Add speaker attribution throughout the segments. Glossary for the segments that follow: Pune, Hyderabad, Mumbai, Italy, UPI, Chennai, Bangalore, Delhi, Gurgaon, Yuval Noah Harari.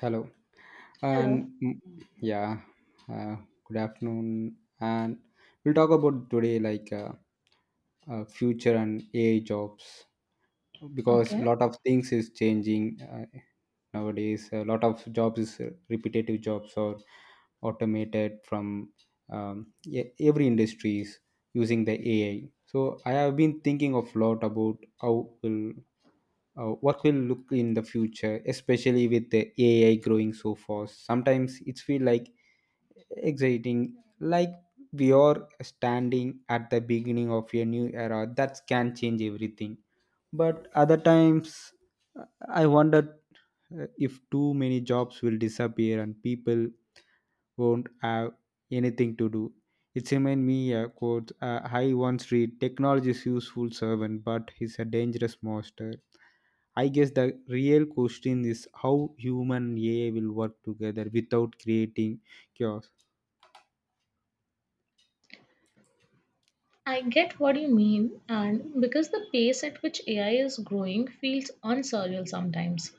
Speaker 1: Hello. And
Speaker 2: Hello.
Speaker 1: mm, yeah, uh, good afternoon. And we'll talk about today, like, future and AI jobs because
Speaker 2: Okay.
Speaker 1: lot of things is changing nowadays. A lot of jobs is repetitive jobs or automated from every industry using the AI. So I have been thinking of lot about how will what will look in the future, especially with the AI growing so fast. Sometimes it's feel like exciting, like we are standing at the beginning of a new era that can change everything, but other times, uh, I wondered if too many jobs will disappear and people won't have anything to do. It reminds me a quote I once read: technology is useful servant but he's a dangerous master. I guess the real question is how human and AI will work together without creating chaos.
Speaker 2: I get what you mean, and because the pace at which AI is growing feels unsurreal sometimes.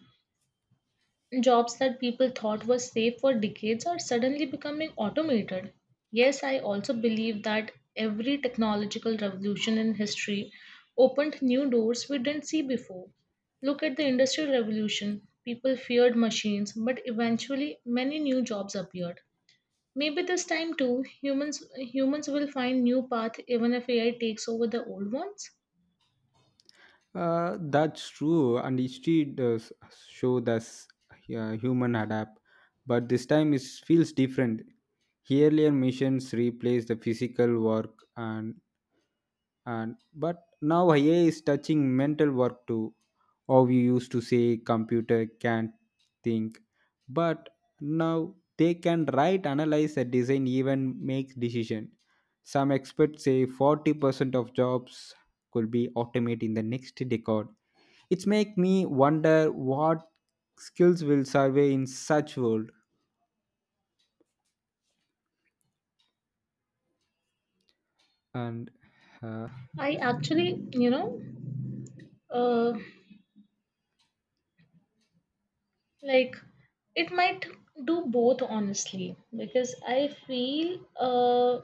Speaker 2: Jobs that people thought were safe for decades are suddenly becoming automated. Yes, I also believe that every technological revolution in history opened new doors we didn't see before. Look at the Industrial Revolution. People feared machines, but eventually many new jobs appeared. Maybe this time too, humans will find new path even if AI takes over the old ones.
Speaker 1: That's true, and history does show that human adapt, but this time it feels different. Earlier missions replaced the physical work, and but now AI is touching mental work too. Or we used to say computer can't think, but now they can write, analyze, and design, even make decision. Some experts say 40% of jobs could be automated in the next decade. It's make me wonder what skills will survey in such world and uh,
Speaker 2: I actually, uh, like it might do both honestly because I feel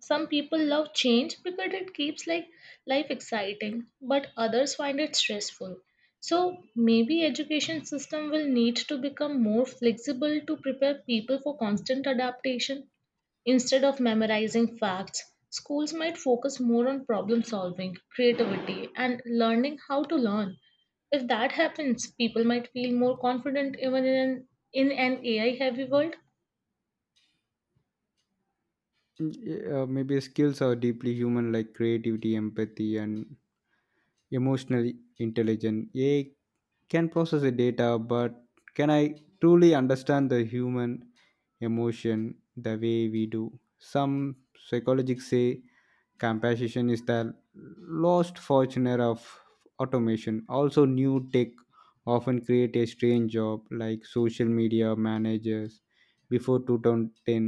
Speaker 2: some people love change because it keeps life exciting, but others find it stressful. So maybe education system will need to become more flexible to prepare people for constant adaptation. Instead of memorizing facts, schools might focus more on problem solving, creativity, and learning how to learn. If that happens, people might feel more confident in an AI heavy world.
Speaker 1: Mm, yeah, maybe skills are deeply human, like creativity, empathy, and emotional intelligence. AI can process the data, but can I truly understand the human emotion the way we do? Some psychologists say compassion is the lost fortune of automation. Also, new tech often create a strange job like social media managers. Before 2010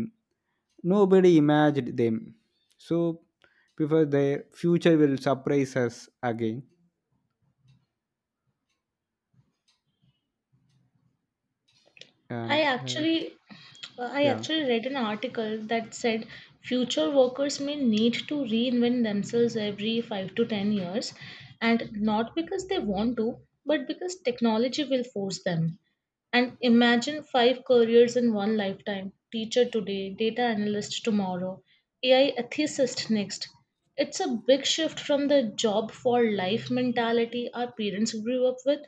Speaker 1: nobody imagined them. So, before their future will surprise us again.
Speaker 2: I
Speaker 1: And
Speaker 2: actually I
Speaker 1: yeah.
Speaker 2: actually read an article that said future workers may need to reinvent themselves every 5 to 10 years, and not because they want to but because technology will force them. And imagine five careers in one lifetime: teacher today, data analyst tomorrow, AI ethicist next. It's a big shift from the job for life mentality our parents grew up with.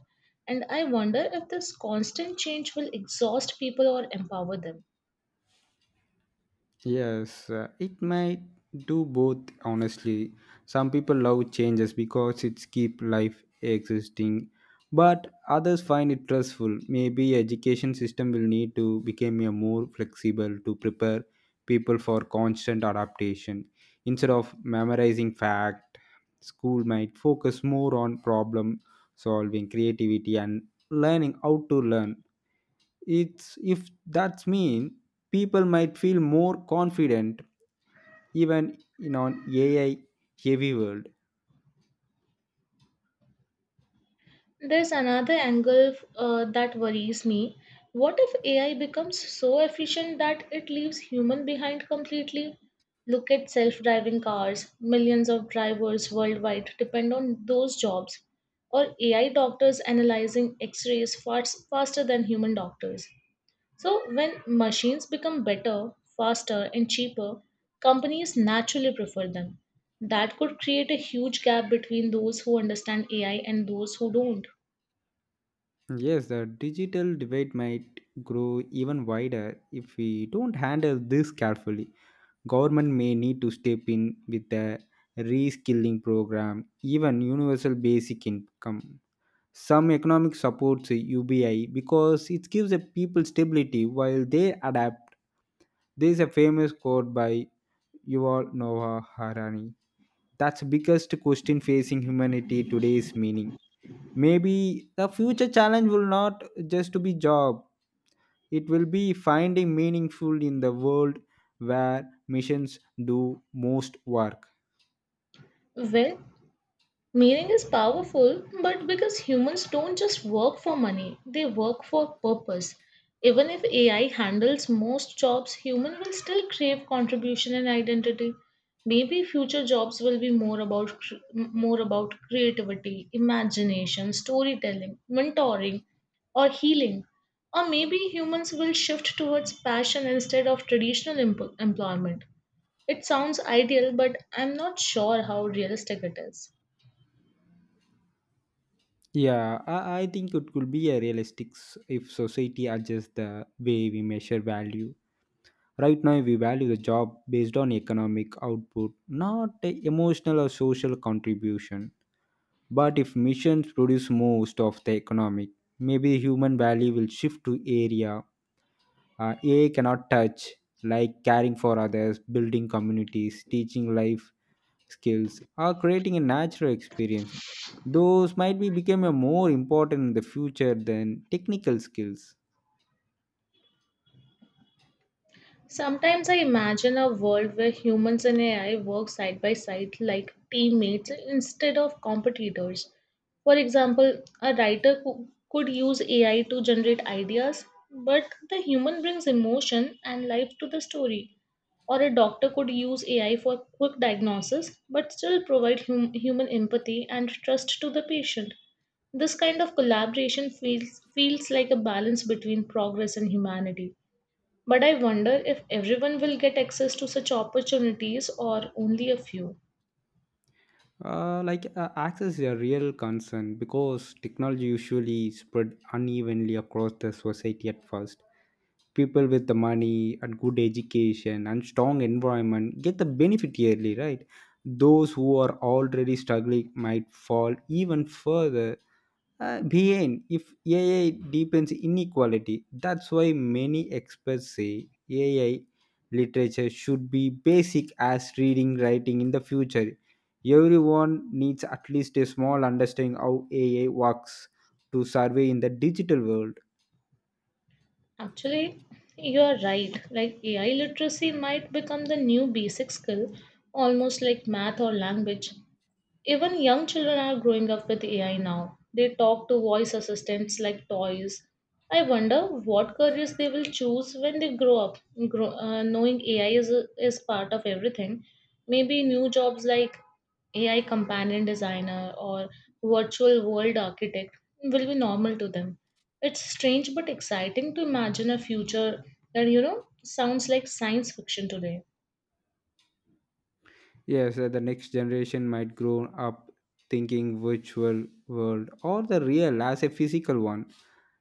Speaker 2: And I wonder if this constant change will exhaust people or empower them.
Speaker 1: Yes, it might do both honestly. Some people love changes because it keep life existing, but others find it stressful. Maybe education system will need to become a more flexible to prepare people for constant adaptation. Instead of memorizing fact, school might focus more on problem solving, creativity, and learning how to learn. It's if that's mean people might feel more confident even in an AI heavy world.
Speaker 2: There's another angle that worries me. What if AI becomes so efficient that it leaves human behind completely? Look at self-driving cars. Millions of drivers worldwide depend on those jobs. Or AI doctors analyzing x-rays fast, faster than human doctors. So, when machines become better, faster, and cheaper, companies naturally prefer them. That could create a huge gap between those who understand AI and those who don't.
Speaker 1: Yes, the digital debate might grow even wider if we don't handle this carefully. Government may need to step in with a reskilling program, even universal basic income, some economic supports, UBI, because it gives the people stability while they adapt. There is a famous quote by Yuval Noah Harari. That's the biggest question facing humanity today's meaning. Maybe the future challenge will not just to be job. It will be finding meaningful in the world where missions do most work.
Speaker 2: Well, meaning is powerful, but because humans don't just work for money, they work for purpose. Even if AI handles most jobs, human will still crave contribution and identity. Maybe future jobs will be more about creativity, imagination, storytelling, mentoring, or healing. Or maybe humans will shift towards passion instead of traditional employment. It sounds ideal, but I'm not sure how realistic it is.
Speaker 1: Yeah, I think it could be a realistic if society adjusts the way we measure value. Right now, we value the job based on economic output, not a emotional or social contribution. But if missions produce most of the economic, maybe human value will shift to area AI cannot touch, like caring for others, building communities, teaching life skills, or creating a natural experience. Those might be become a more important in the future than technical skills.
Speaker 2: Sometimes I imagine a world where humans and AI work side by side like teammates instead of competitors. For example, a writer could use AI to generate ideas, but the human brings emotion and life to the story. Or a doctor could use AI for quick diagnosis, but still provide human empathy and trust to the patient. This kind of collaboration feels like a balance between progress and humanity. But I wonder if everyone will get access to such opportunities or only a few.
Speaker 1: Access is a real concern because technology usually spread unevenly across the society. At first, people with the money and good education and strong environment get the benefit, yearly right. Those who are already struggling might fall even further behind if AI deepens inequality. That's why many experts say AI literature should be basic as reading writing. In the future, everyone needs at least a small understanding how AI works to survey in the digital world.
Speaker 2: Actually, you are right. Like AI literacy might become the new basic skill, almost like math or language. Even young children are growing up with AI now. They talk to voice assistants like toys. I wonder what careers they will choose when they grow up, knowing is part of everything. Maybe new jobs like AI companion designer or virtual world architect will be normal to them. It's strange but exciting to imagine a future that, you know, sounds like science fiction today.
Speaker 1: Yes, the next generation might grow up thinking virtual world or the real as a physical one.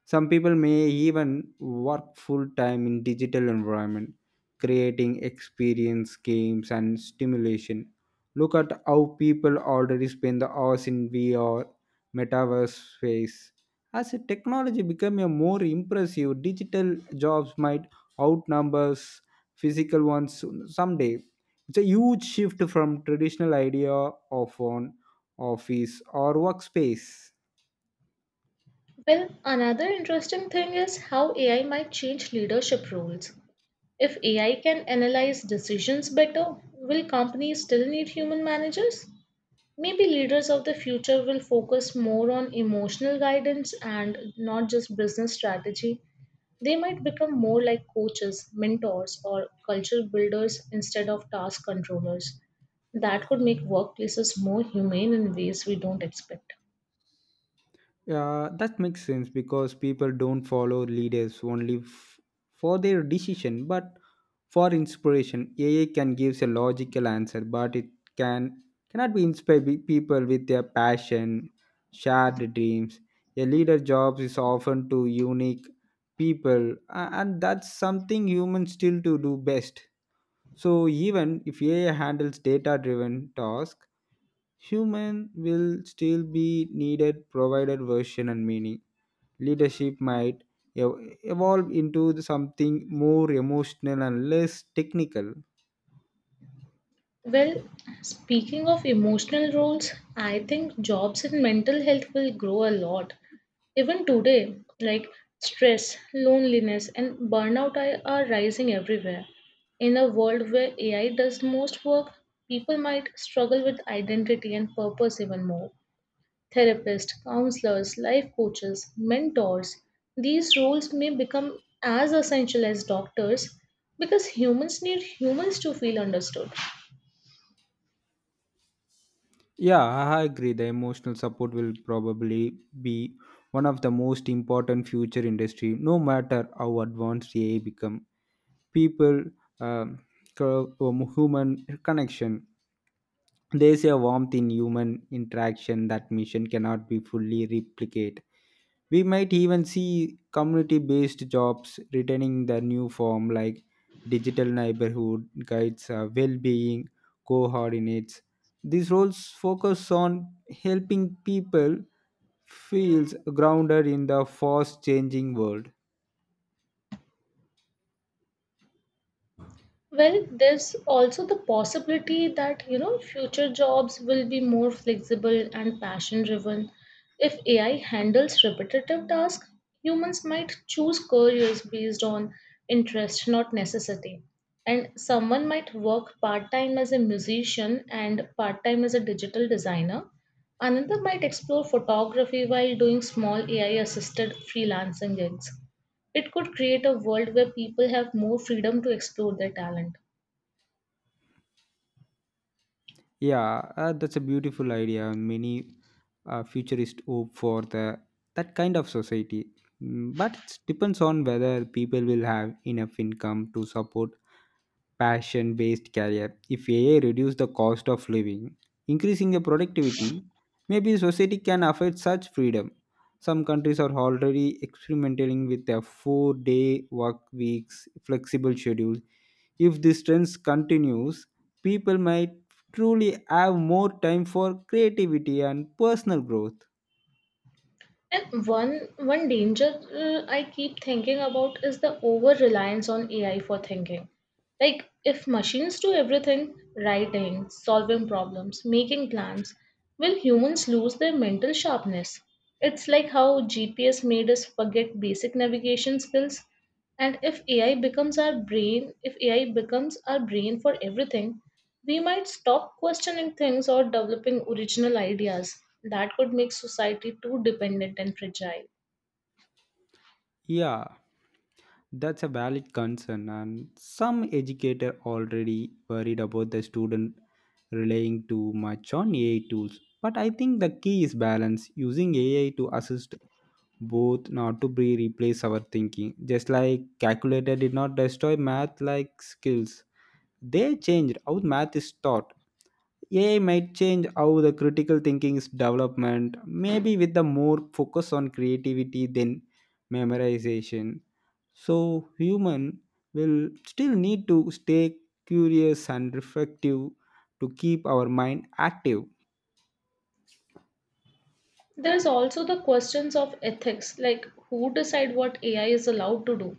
Speaker 1: Some people may even work full time in digital environment, creating experience, games, and stimulation. Look at how people already spend the hours in VR, metaverse space. As a technology become a more impressive, digital jobs might outnumbers physical ones someday. It's a huge shift from traditional idea of an office or workspace.
Speaker 2: Well, another interesting thing is how AI might change leadership roles. If AI can analyze decisions better, will companies still need human managers? Maybe leaders of the future will focus more on emotional guidance and not just business strategy. They might become more like coaches, mentors, or culture builders instead of task controllers. That could make workplaces more humane in ways we don't expect.
Speaker 1: Yeah, that makes sense because people don't follow leaders only for their decision but for inspiration. AI can give a logical answer, but it can cannot be inspire people with their passion, shared dreams. A leader job is often to unique people, and that's something humans still to do best. So even if AI handles data-driven tasks, human will still be needed provided version and meaning. Leadership might ev- evolve into something more emotional and less technical.
Speaker 2: Well, speaking of emotional roles, I think jobs in mental health will grow a lot. Even today, stress, loneliness, and burnout are rising everywhere. In a world where AI does most work, people might struggle with identity and purpose even more. Therapists, counselors, life coaches, mentors, these roles may become as essential as doctors because humans need humans to feel understood.
Speaker 1: Yeah, I agree. The emotional support will probably be one of the most important future industry, no matter how advanced AI become. People, um, human connection. There's a warmth in human interaction that mission cannot be fully replicate. We might even see community based jobs returning the new form, like digital neighborhood guides, well-being coordinates. These roles focus on helping people feels grounded in the fast changing world.
Speaker 2: Well, there's also the possibility that, you know, future jobs will be more flexible and passion driven. If AI handles repetitive tasks, humans might choose careers based on interest, not necessity. And someone might work part time as a musician and part time as a digital designer. Another might explore photography while doing small AI assisted freelancing gigs. It could create a world where people have more freedom to explore their talent.
Speaker 1: Yeah, that's a beautiful idea. Many futurists hope for the that kind of society. But it depends on whether people will have enough income to support passion based career. If AI reduce the cost of living, increasing the productivity, maybe society can afford such freedom. Some countries are already experimenting with a 4-day work weeks, flexible schedule. If this trend continues, people might truly have more time for creativity and personal growth.
Speaker 2: And one danger I keep thinking about is the over reliance on AI for thinking. Like if machines do everything, writing, solving problems, making plans, will humans lose their mental sharpness? It's like how GPS made us forget basic navigation skills, and if AI becomes our brain, if AI becomes our brain for everything, we might stop questioning things or developing original ideas. That could make society too dependent and fragile.
Speaker 1: Yeah, that's a valid concern, and some educator already worried about the student relying too much on AI tools. But I think the key is balance, using AI to assist both, not to be replace our thinking. Just like calculator did not destroy math like skills, they changed how math is taught. AI might change how the critical thinking is development, maybe with the more focus on creativity than memorization. So human will still need to stay curious and reflective to keep our mind active.
Speaker 2: There's also the questions of ethics, like who decide what AI is allowed to do.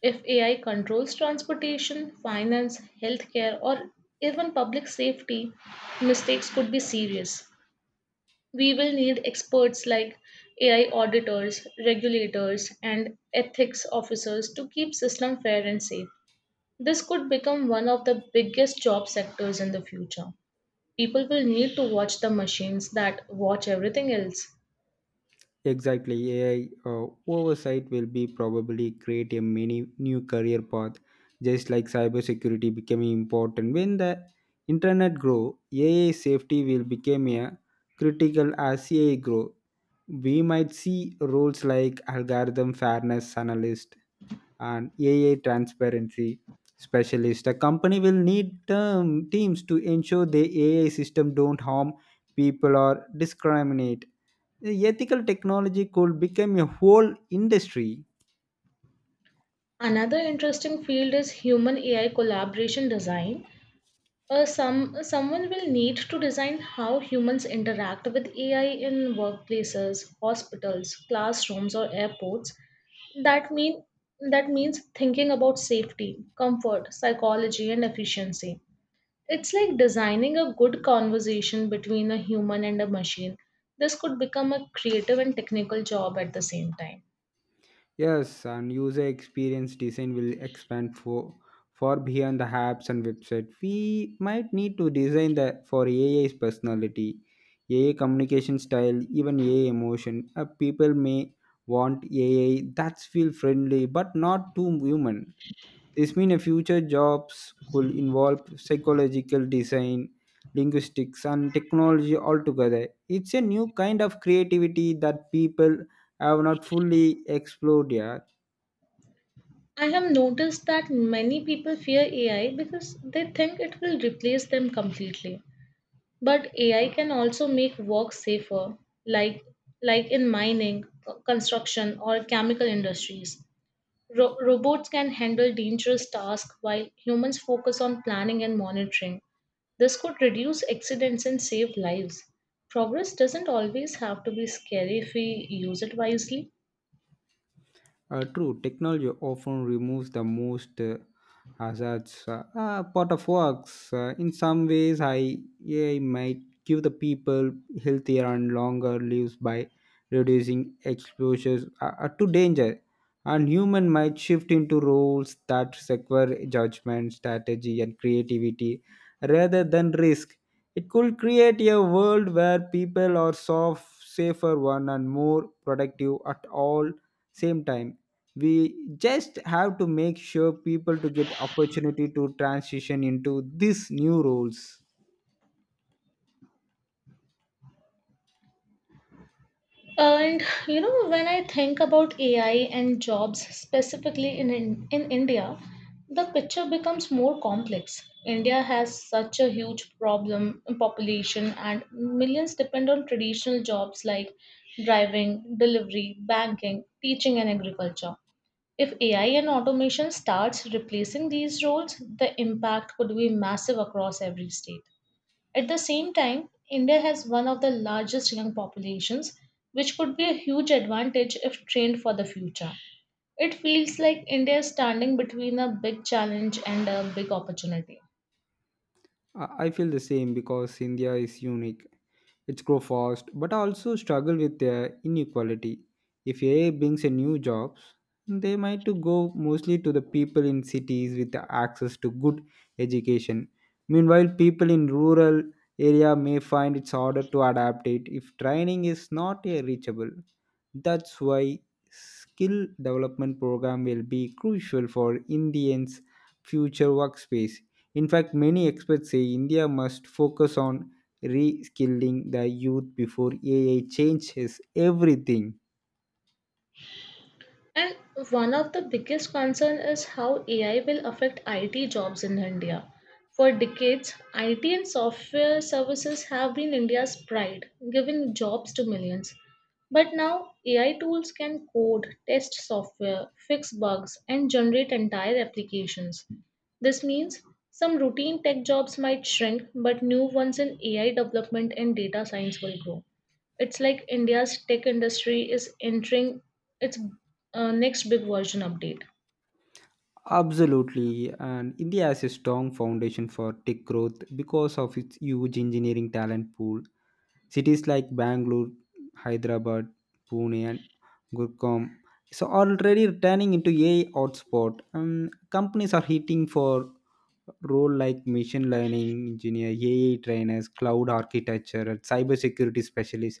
Speaker 2: If AI controls transportation, finance, healthcare, or even public safety, mistakes could be serious. We will need experts like AI auditors, regulators, and ethics officers to keep system fair and safe. This could become one of the biggest job sectors in the future. People will need to watch the machines that watch everything else.
Speaker 1: Exactly, AI oversight will be probably create a many new career path, just like cybersecurity becoming important. When the internet grow, AI safety will become a critical as AI grow. We might see roles like algorithm fairness analyst and AI transparency specialist. A company will need teams to ensure the AI system don't harm people or discriminate. The ethical technology could become a whole industry.
Speaker 2: Another interesting field is human AI collaboration design. Someone will need to design how humans interact with AI in workplaces, hospitals, classrooms, or airports. That mean that means thinking about safety, comfort, psychology and efficiency. It's like designing a good conversation between a human and a machine. This could become a creative and technical job at the same time.
Speaker 1: Yes, and user experience design will expand for far beyond the apps and website. We might need to design the for AI's personality, AI communication style, even AI emotion. People may want AI that's feel friendly but not too human. This means future jobs could involve psychological design, linguistics, and technology altogether. It's a new kind of creativity that people have not fully explored yet.
Speaker 2: I have noticed that many people fear AI because they think it will replace them completely. But AI can also make work safer, like like in mining, construction, or chemical industries. Robots can handle dangerous tasks while humans focus on planning and monitoring. This could reduce accidents and save lives. Progress doesn't always have to be scary if we use it wisely.
Speaker 1: True, technology often removes the most hazards part of works. In some ways, I AI might give the people healthier and longer lives by reducing exposures to danger. And human might shift into roles that require judgment, strategy, and creativity rather than risk. It could create a world where people are soft, safer one, and more productive at all same time. We just have to make sure people to get opportunity to transition into these new roles.
Speaker 2: And you know, when I think about AI and jobs specifically in India, the picture becomes more complex. India has such a huge problem population, and millions depend on traditional jobs like driving, delivery, banking, teaching, and agriculture. If AI and automation starts replacing these roles, the impact could be massive across every state. At the same time, India has one of the largest young populations, which could be a huge advantage if trained for the future. It feels like India is standing between a big challenge and a big opportunity.
Speaker 1: I feel the same because India is unique. It's grow fast, but also struggle with inequality. If AI brings a new jobs, they might to go mostly to the people in cities with the access to good education. Meanwhile, people in rural area may find it's harder to adapt it if training is not reachable. That's why skill development program will be crucial for Indians' future workspace. In fact, many experts say India must focus on reskilling the youth before AI changes everything.
Speaker 2: And one of the biggest concern is how AI will affect IT jobs in India. For decades, IT and software services have been India's pride, giving jobs to millions. But now, AI tools can code, test software, fix bugs, and generate entire applications. This means some routine tech jobs might shrink, but new ones in AI development and data science will grow. It's like India's tech industry is entering its next big version update.
Speaker 1: Absolutely, and India has a strong foundation for tech growth because of its huge engineering talent pool. Cities like Bangalore, Hyderabad, Pune, and Gurgaon so are already turning into a I hotspot. Companies are hitting for role like machine learning engineer, AI trainers, cloud architecture, and cybersecurity specialists.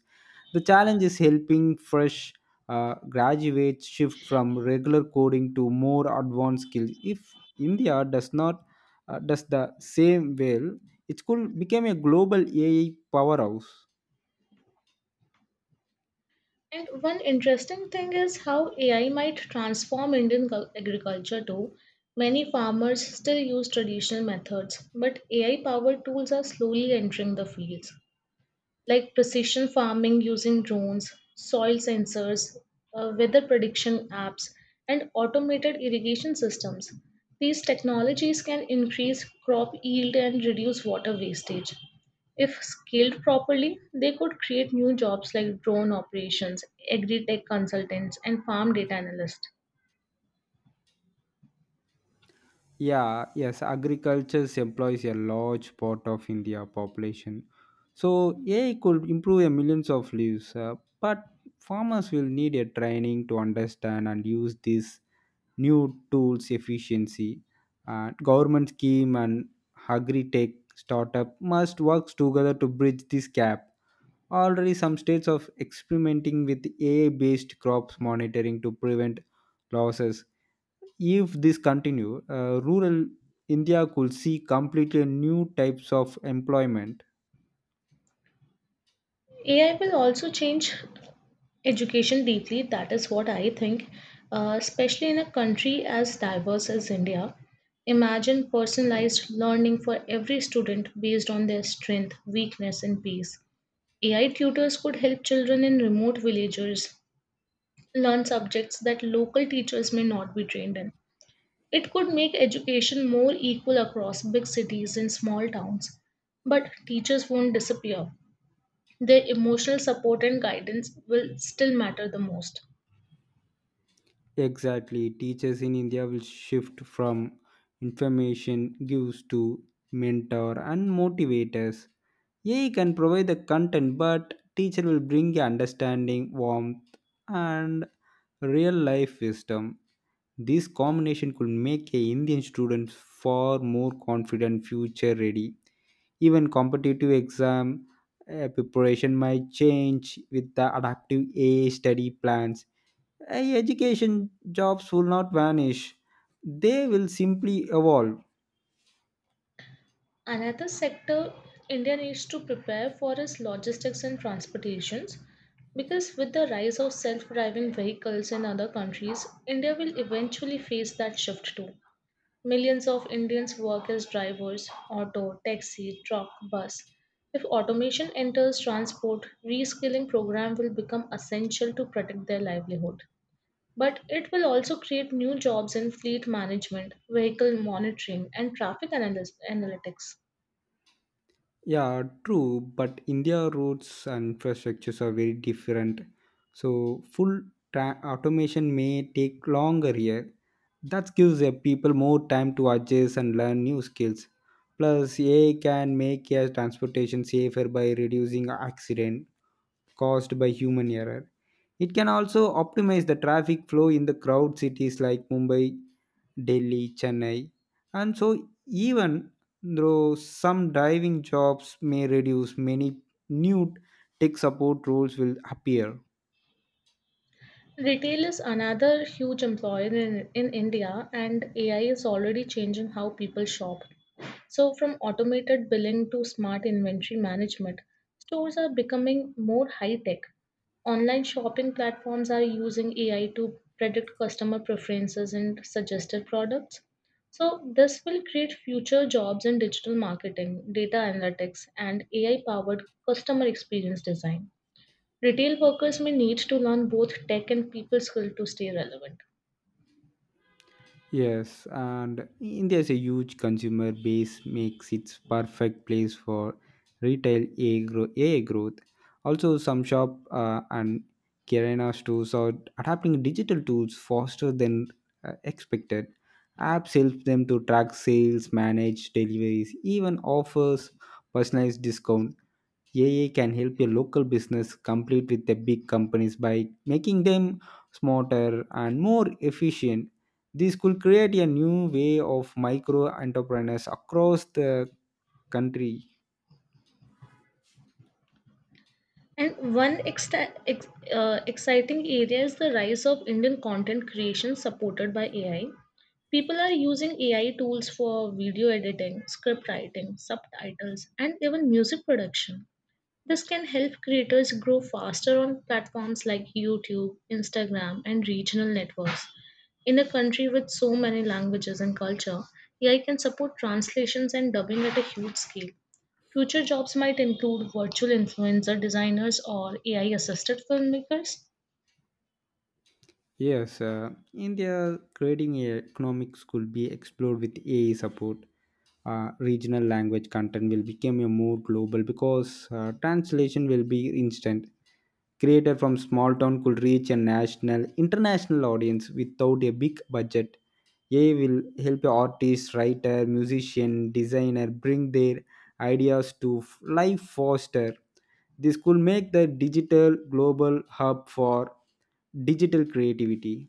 Speaker 1: The challenge is helping fresh graduates shift from regular coding to more advanced skills. If India does not does the same well, it could become a global AI powerhouse.
Speaker 2: And one interesting thing is how AI might transform agriculture too. Many farmers still use traditional methods, but AI powered tools are slowly entering the fields, like precision farming using drones, soil sensors, weather prediction apps, and automated irrigation systems. These technologies can increase crop yield and reduce water wastage. If scaled properly, they could create new jobs like drone operations, agri tech consultants, and farm data analysts.
Speaker 1: Yeah, yes, agriculture employs a large part of India population. So AI could improve a millions of lives, but farmers will need a training to understand and use these new tools efficiency. Government scheme and agri-tech startup must work together to bridge this gap. Already some states of experimenting with AI-based crops monitoring to prevent losses. If this continue, rural India could see completely new types of employment.
Speaker 2: AI will also change education deeply, that is what I think, especially in a country as diverse as India. Imagine personalized learning for every student based on their strength, weakness, and pace. AI tutors could help children in remote villages learn subjects that local teachers may not be trained in. It could make education more equal across big cities and small towns. But teachers won't disappear. Their emotional support and guidance will still matter the most.
Speaker 1: Exactly, teachers in India will shift from information gives to mentor and motivators. AI can provide the content, but teacher will bring understanding, warmth, and real life wisdom. This combination could make a Indian students far more confident, future ready. Even competitive exam preparation might change with the adaptive AI study plans. AI education jobs will not vanish, they will simply evolve.
Speaker 2: Another sector India needs to prepare for is logistics and transportations, because with the rise of self-driving vehicles in other countries, India will eventually face that shift too. Millions of Indians work as drivers, auto, taxi, truck, bus. If automation enters transport, reskilling program will become essential to protect their livelihood. But it will also create new jobs in fleet management, vehicle monitoring, and analytics.
Speaker 1: Yeah, true, but India roads and infrastructures are very different. So, full automation may take longer here. That gives the people more time to adjust and learn new skills. Plus, AI can make air transportation safer by reducing accident caused by human error. It can also optimize the traffic flow in the crowd cities like Mumbai, Delhi, Chennai. And so, even though some driving jobs may reduce, many new tech support roles will appear.
Speaker 2: Retail is another huge employer in India, and AI is already changing how people shop. So, from automated billing to smart inventory management, stores are becoming more high tech. Online shopping platforms are using AI to predict customer preferences and suggested products. So, this will create future jobs in digital marketing, data analytics, and AI powered customer experience design. Retail workers may need to learn both tech and people skill to stay relevant.
Speaker 1: Yes, and India's a huge consumer base makes it perfect place for retail AA growth. Also, some shop and Kirana stores are adapting digital tools faster than expected. Apps help them to track sales, manage deliveries, even offers personalized discount. AI can help your local business compete with the big companies by making them smarter and more efficient. This could create a new way of micro entrepreneurs across the country.
Speaker 2: And one exciting area is the rise of Indian content creation supported by AI. People are using AI tools for video editing, script writing, subtitles, and even music production. This can help creators grow faster on platforms like YouTube, Instagram, and regional networks. In a country with so many languages and culture, AI can support translations and dubbing at a huge scale. Future jobs might include virtual influencer designers or AI assisted filmmakers.
Speaker 1: Yes, India creating a economics could be explored with AI support. Regional language content will become a more global because translation will be instant. Created from small town could reach a national, international audience without a big budget. AI will help artists, writer, musician, designer bring their ideas to life faster. This could make the digital global hub for digital creativity.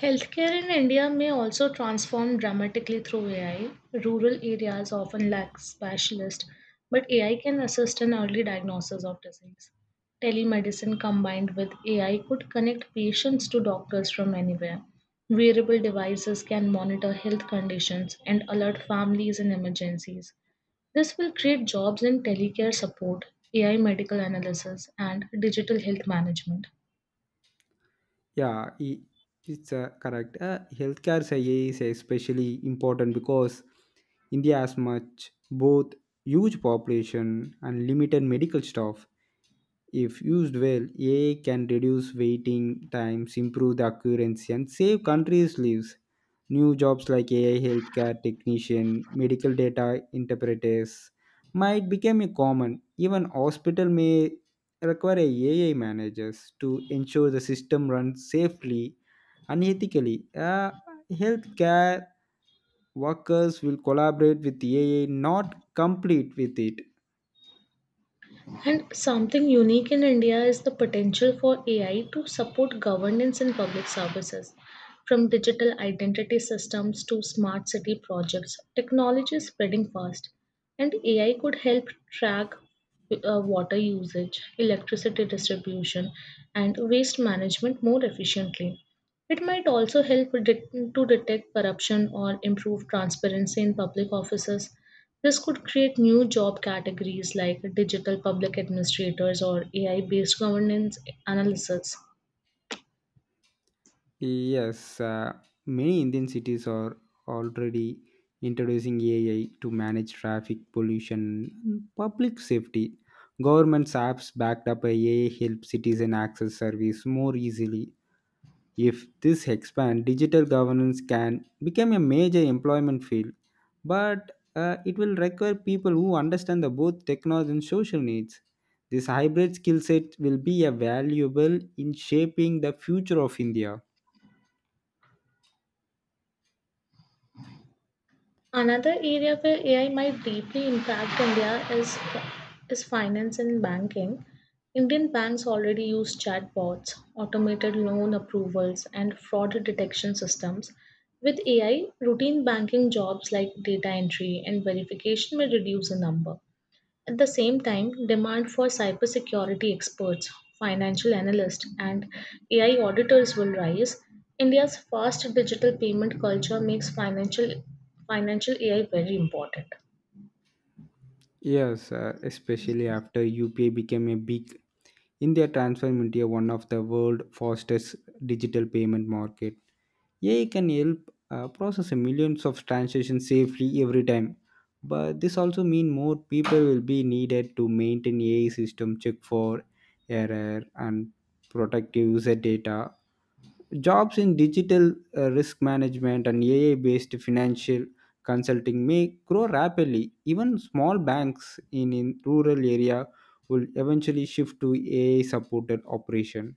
Speaker 2: Healthcare in India may also transform dramatically through AI. Rural areas often lack specialists, but AI can assist in early diagnosis of disease. Telemedicine combined with AI could connect patients to doctors from anywhere. Wearable devices can monitor health conditions and alert families in emergencies. This will create jobs in telecare support, AI medical analysis, and digital health management.
Speaker 1: Yeah, i- it's correct. Healthcare say AI is especially important because India has much both huge population and limited medical staff. If used well, AI can reduce waiting times, improve the accuracy, and save countries' lives. New jobs like AI healthcare technician, medical data interpreters might become a common. Even hospital may require AI managers to ensure the system runs safely and ethically. Healthcare workers will collaborate with AI, not complete with it.
Speaker 2: And something unique in India is the potential for AI to support governance in public services. From digital identity systems to smart city projects, technology is spreading fast, and AI could help track water usage, electricity distribution, and waste management more efficiently. It might also help to detect corruption or improve transparency in public offices. This could create new job categories like digital public administrators or AI based governance analysis.
Speaker 1: Yes, many Indian cities are already introducing AI to manage traffic pollution and public safety. Government's apps backed up by AI help citizen access service more easily. If this expands, digital governance can become a major employment field, but it will require people who understand the both technology and social needs. This hybrid skill set will be a valuable in shaping the future of India.
Speaker 2: Another area where AI might deeply impact India is finance and banking. Indian banks already use chatbots, automated loan approvals, and fraud detection systems. With AI, routine banking jobs like data entry and verification may reduce the number. At the same time, demand for cybersecurity experts, financial analysts, and AI auditors will rise. India's fast digital payment culture makes financial AI very important.
Speaker 1: Yes, especially after UPI became a big India transformed into one of the world fastest digital payment market. AI can help process millions of transactions safely every time. But this also means more people will be needed to maintain AI system, check for error and protect user data. Jobs in digital risk management and AI based financial consulting may grow rapidly. Even small banks in rural area will eventually shift to AI supported operation.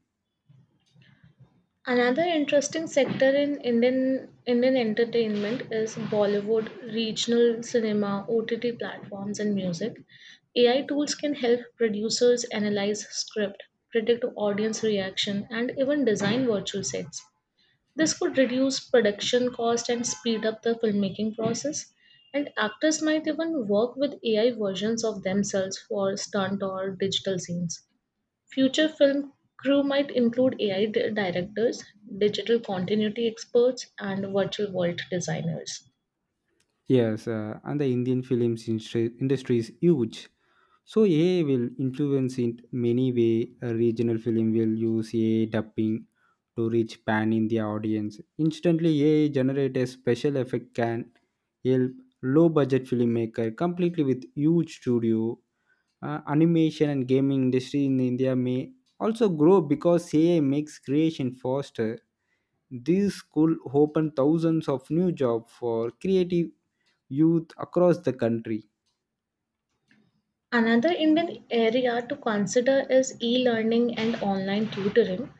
Speaker 2: Another interesting sector in Indian entertainment is Bollywood, regional cinema, OTT platforms, and music. AI tools can help producers analyze script, predict audience reaction, and even design virtual sets. This could reduce production cost and speed up the filmmaking process. And actors might even work with AI versions of themselves for stunt or digital scenes. Future film crew might include AI directors, digital continuity experts, and virtual world designers.
Speaker 1: Yes, and the Indian films industry is huge. So AI will influence in many way. A regional film will use AI dubbing to reach pan India audience. Instantly, AI generated special effect can help low budget filmmaker completely with huge studio. Animation and gaming industry in India may also grow because AI makes creation faster. This could open thousands of new jobs for creative youth across the country.
Speaker 2: Another Indian area to consider is e-learning and online tutoring.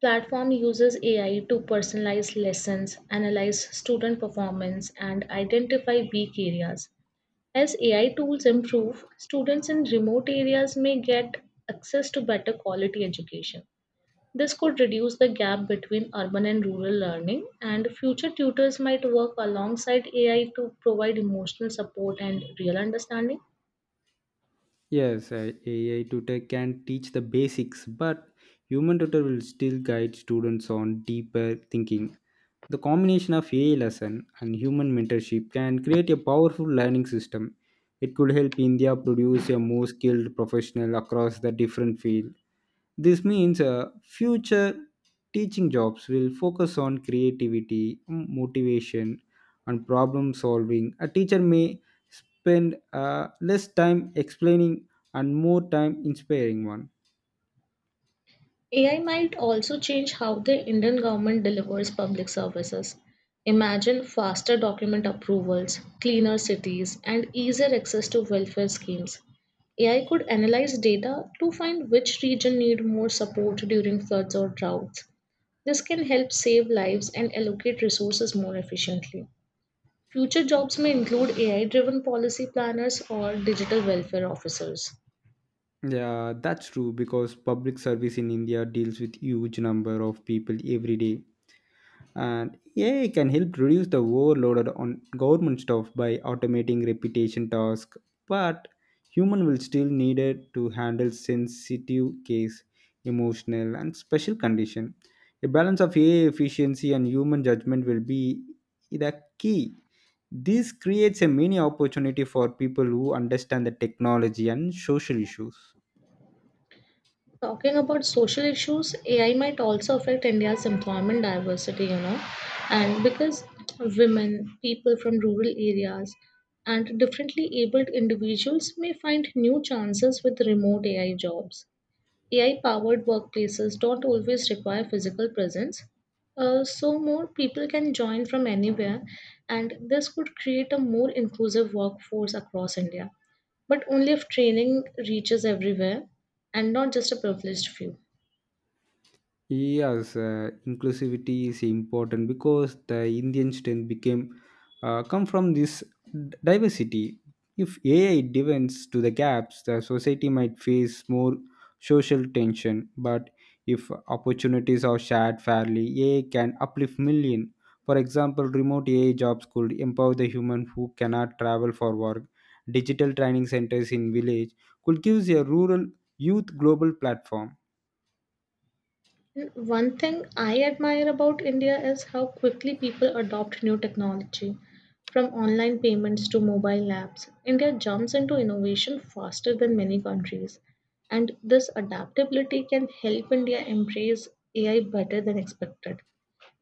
Speaker 2: Platform uses AI to personalize lessons, analyze student performance, and identify weak areas. As AI tools improve, students in remote areas may get access to better quality education. This could reduce the gap between urban and rural learning, and future tutors might work alongside AI to provide emotional support and real understanding.
Speaker 1: Yes, AI tutor can teach the basics, but human tutor will still guide students on deeper thinking. The combination of AI lesson and human mentorship can create a powerful learning system. It could help India produce a more skilled professional across the different field. This means future teaching jobs will focus on creativity, motivation, and problem solving. A teacher may spend less time explaining and more time inspiring one.
Speaker 2: AI might also change how the Indian government delivers public services. Imagine faster document approvals, cleaner cities, and easier access to welfare schemes. AI could analyze data to find which region need more support during floods or droughts. This can help save lives and allocate resources more efficiently. Future jobs may include AI driven policy planners or digital welfare officers.
Speaker 1: Yeah, that's true because public service in India deals with huge number of people every day and AI can help reduce the overload on government staff by automating repetition tasks, but human will still needed to handle sensitive case, emotional and special condition. A balance of AI efficiency and human judgment will be the key. This creates a mini opportunity for people who understand the technology and social issues.
Speaker 2: Talking about social issues, AI might also affect India's employment diversity, you know, and because women, people from rural areas, and differently abled individuals may find new chances with remote AI jobs. AI-powered workplaces don't always require physical presence, so more people can join from anywhere, and this could create a more inclusive workforce across India, but only if training reaches everywhere and not just a privileged few.
Speaker 1: Yes, inclusivity is important because the Indian strength became come from this diversity. If AI deepens to the gaps, the society might face more social tension. But if opportunities are shared fairly, AI can uplift million. For example, remote AI jobs could empower the human who cannot travel for work. Digital training centers in village could give a rural youth global platform.
Speaker 2: One thing I admire about India is how quickly people adopt new technology. From online payments to mobile apps, India jumps into innovation faster than many countries. And this adaptability can help India embrace AI better than expected.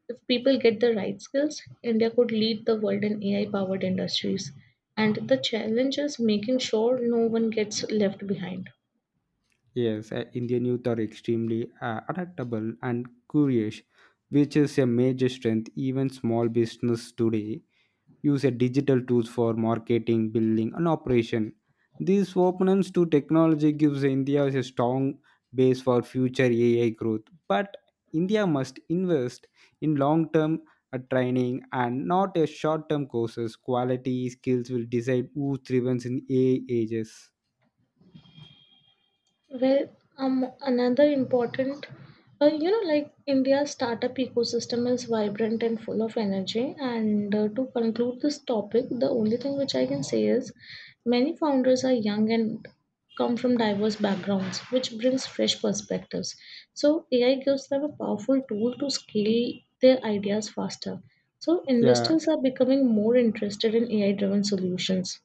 Speaker 2: If people get the right skills, India could lead the world in AI powered industries. And the challenge is making sure no one gets left behind.
Speaker 1: Yes, Indian youth are extremely adaptable and curious, which is a major strength. Even small business today use a digital tools for marketing, building, and operation. This openness to technology gives India a strong base for future AI growth. But India must invest in long-term training and not a short-term courses. Quality skills will decide who thrives in AI ages.
Speaker 2: Well, another important, you know, like India's startup ecosystem is vibrant and full of energy. And to conclude this topic, the only thing which I can say is many founders are young and come from diverse backgrounds, which brings fresh perspectives. So, AI gives them a powerful tool to scale their ideas faster. So,
Speaker 1: Yeah,
Speaker 2: investors are becoming more interested in AI driven solutions.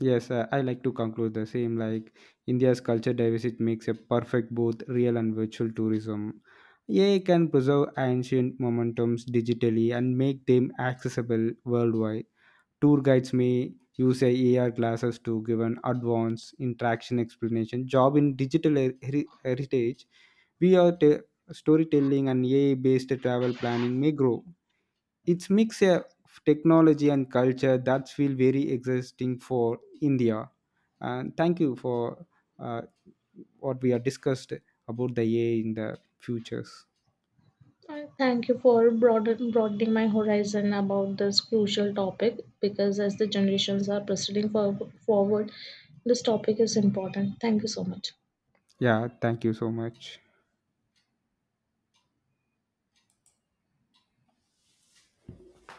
Speaker 1: Yes, I like to conclude the same. Like India's culture diversity makes a perfect both real and virtual tourism. AI can preserve ancient momentums digitally and make them accessible worldwide. Tour guides may use AR classes to give an advanced interaction explanation. Job in digital heritage, we are t- storytelling and AI-based travel planning may grow. It's mix of technology and culture that feel very existing for India. And thank you for uh, what we have discussed about the AI in the futures.
Speaker 2: Thank you for broadening my horizon about this crucial topic because as the generations are proceeding forward, this topic is important. Thank you so much.
Speaker 1: Yeah, thank you so much.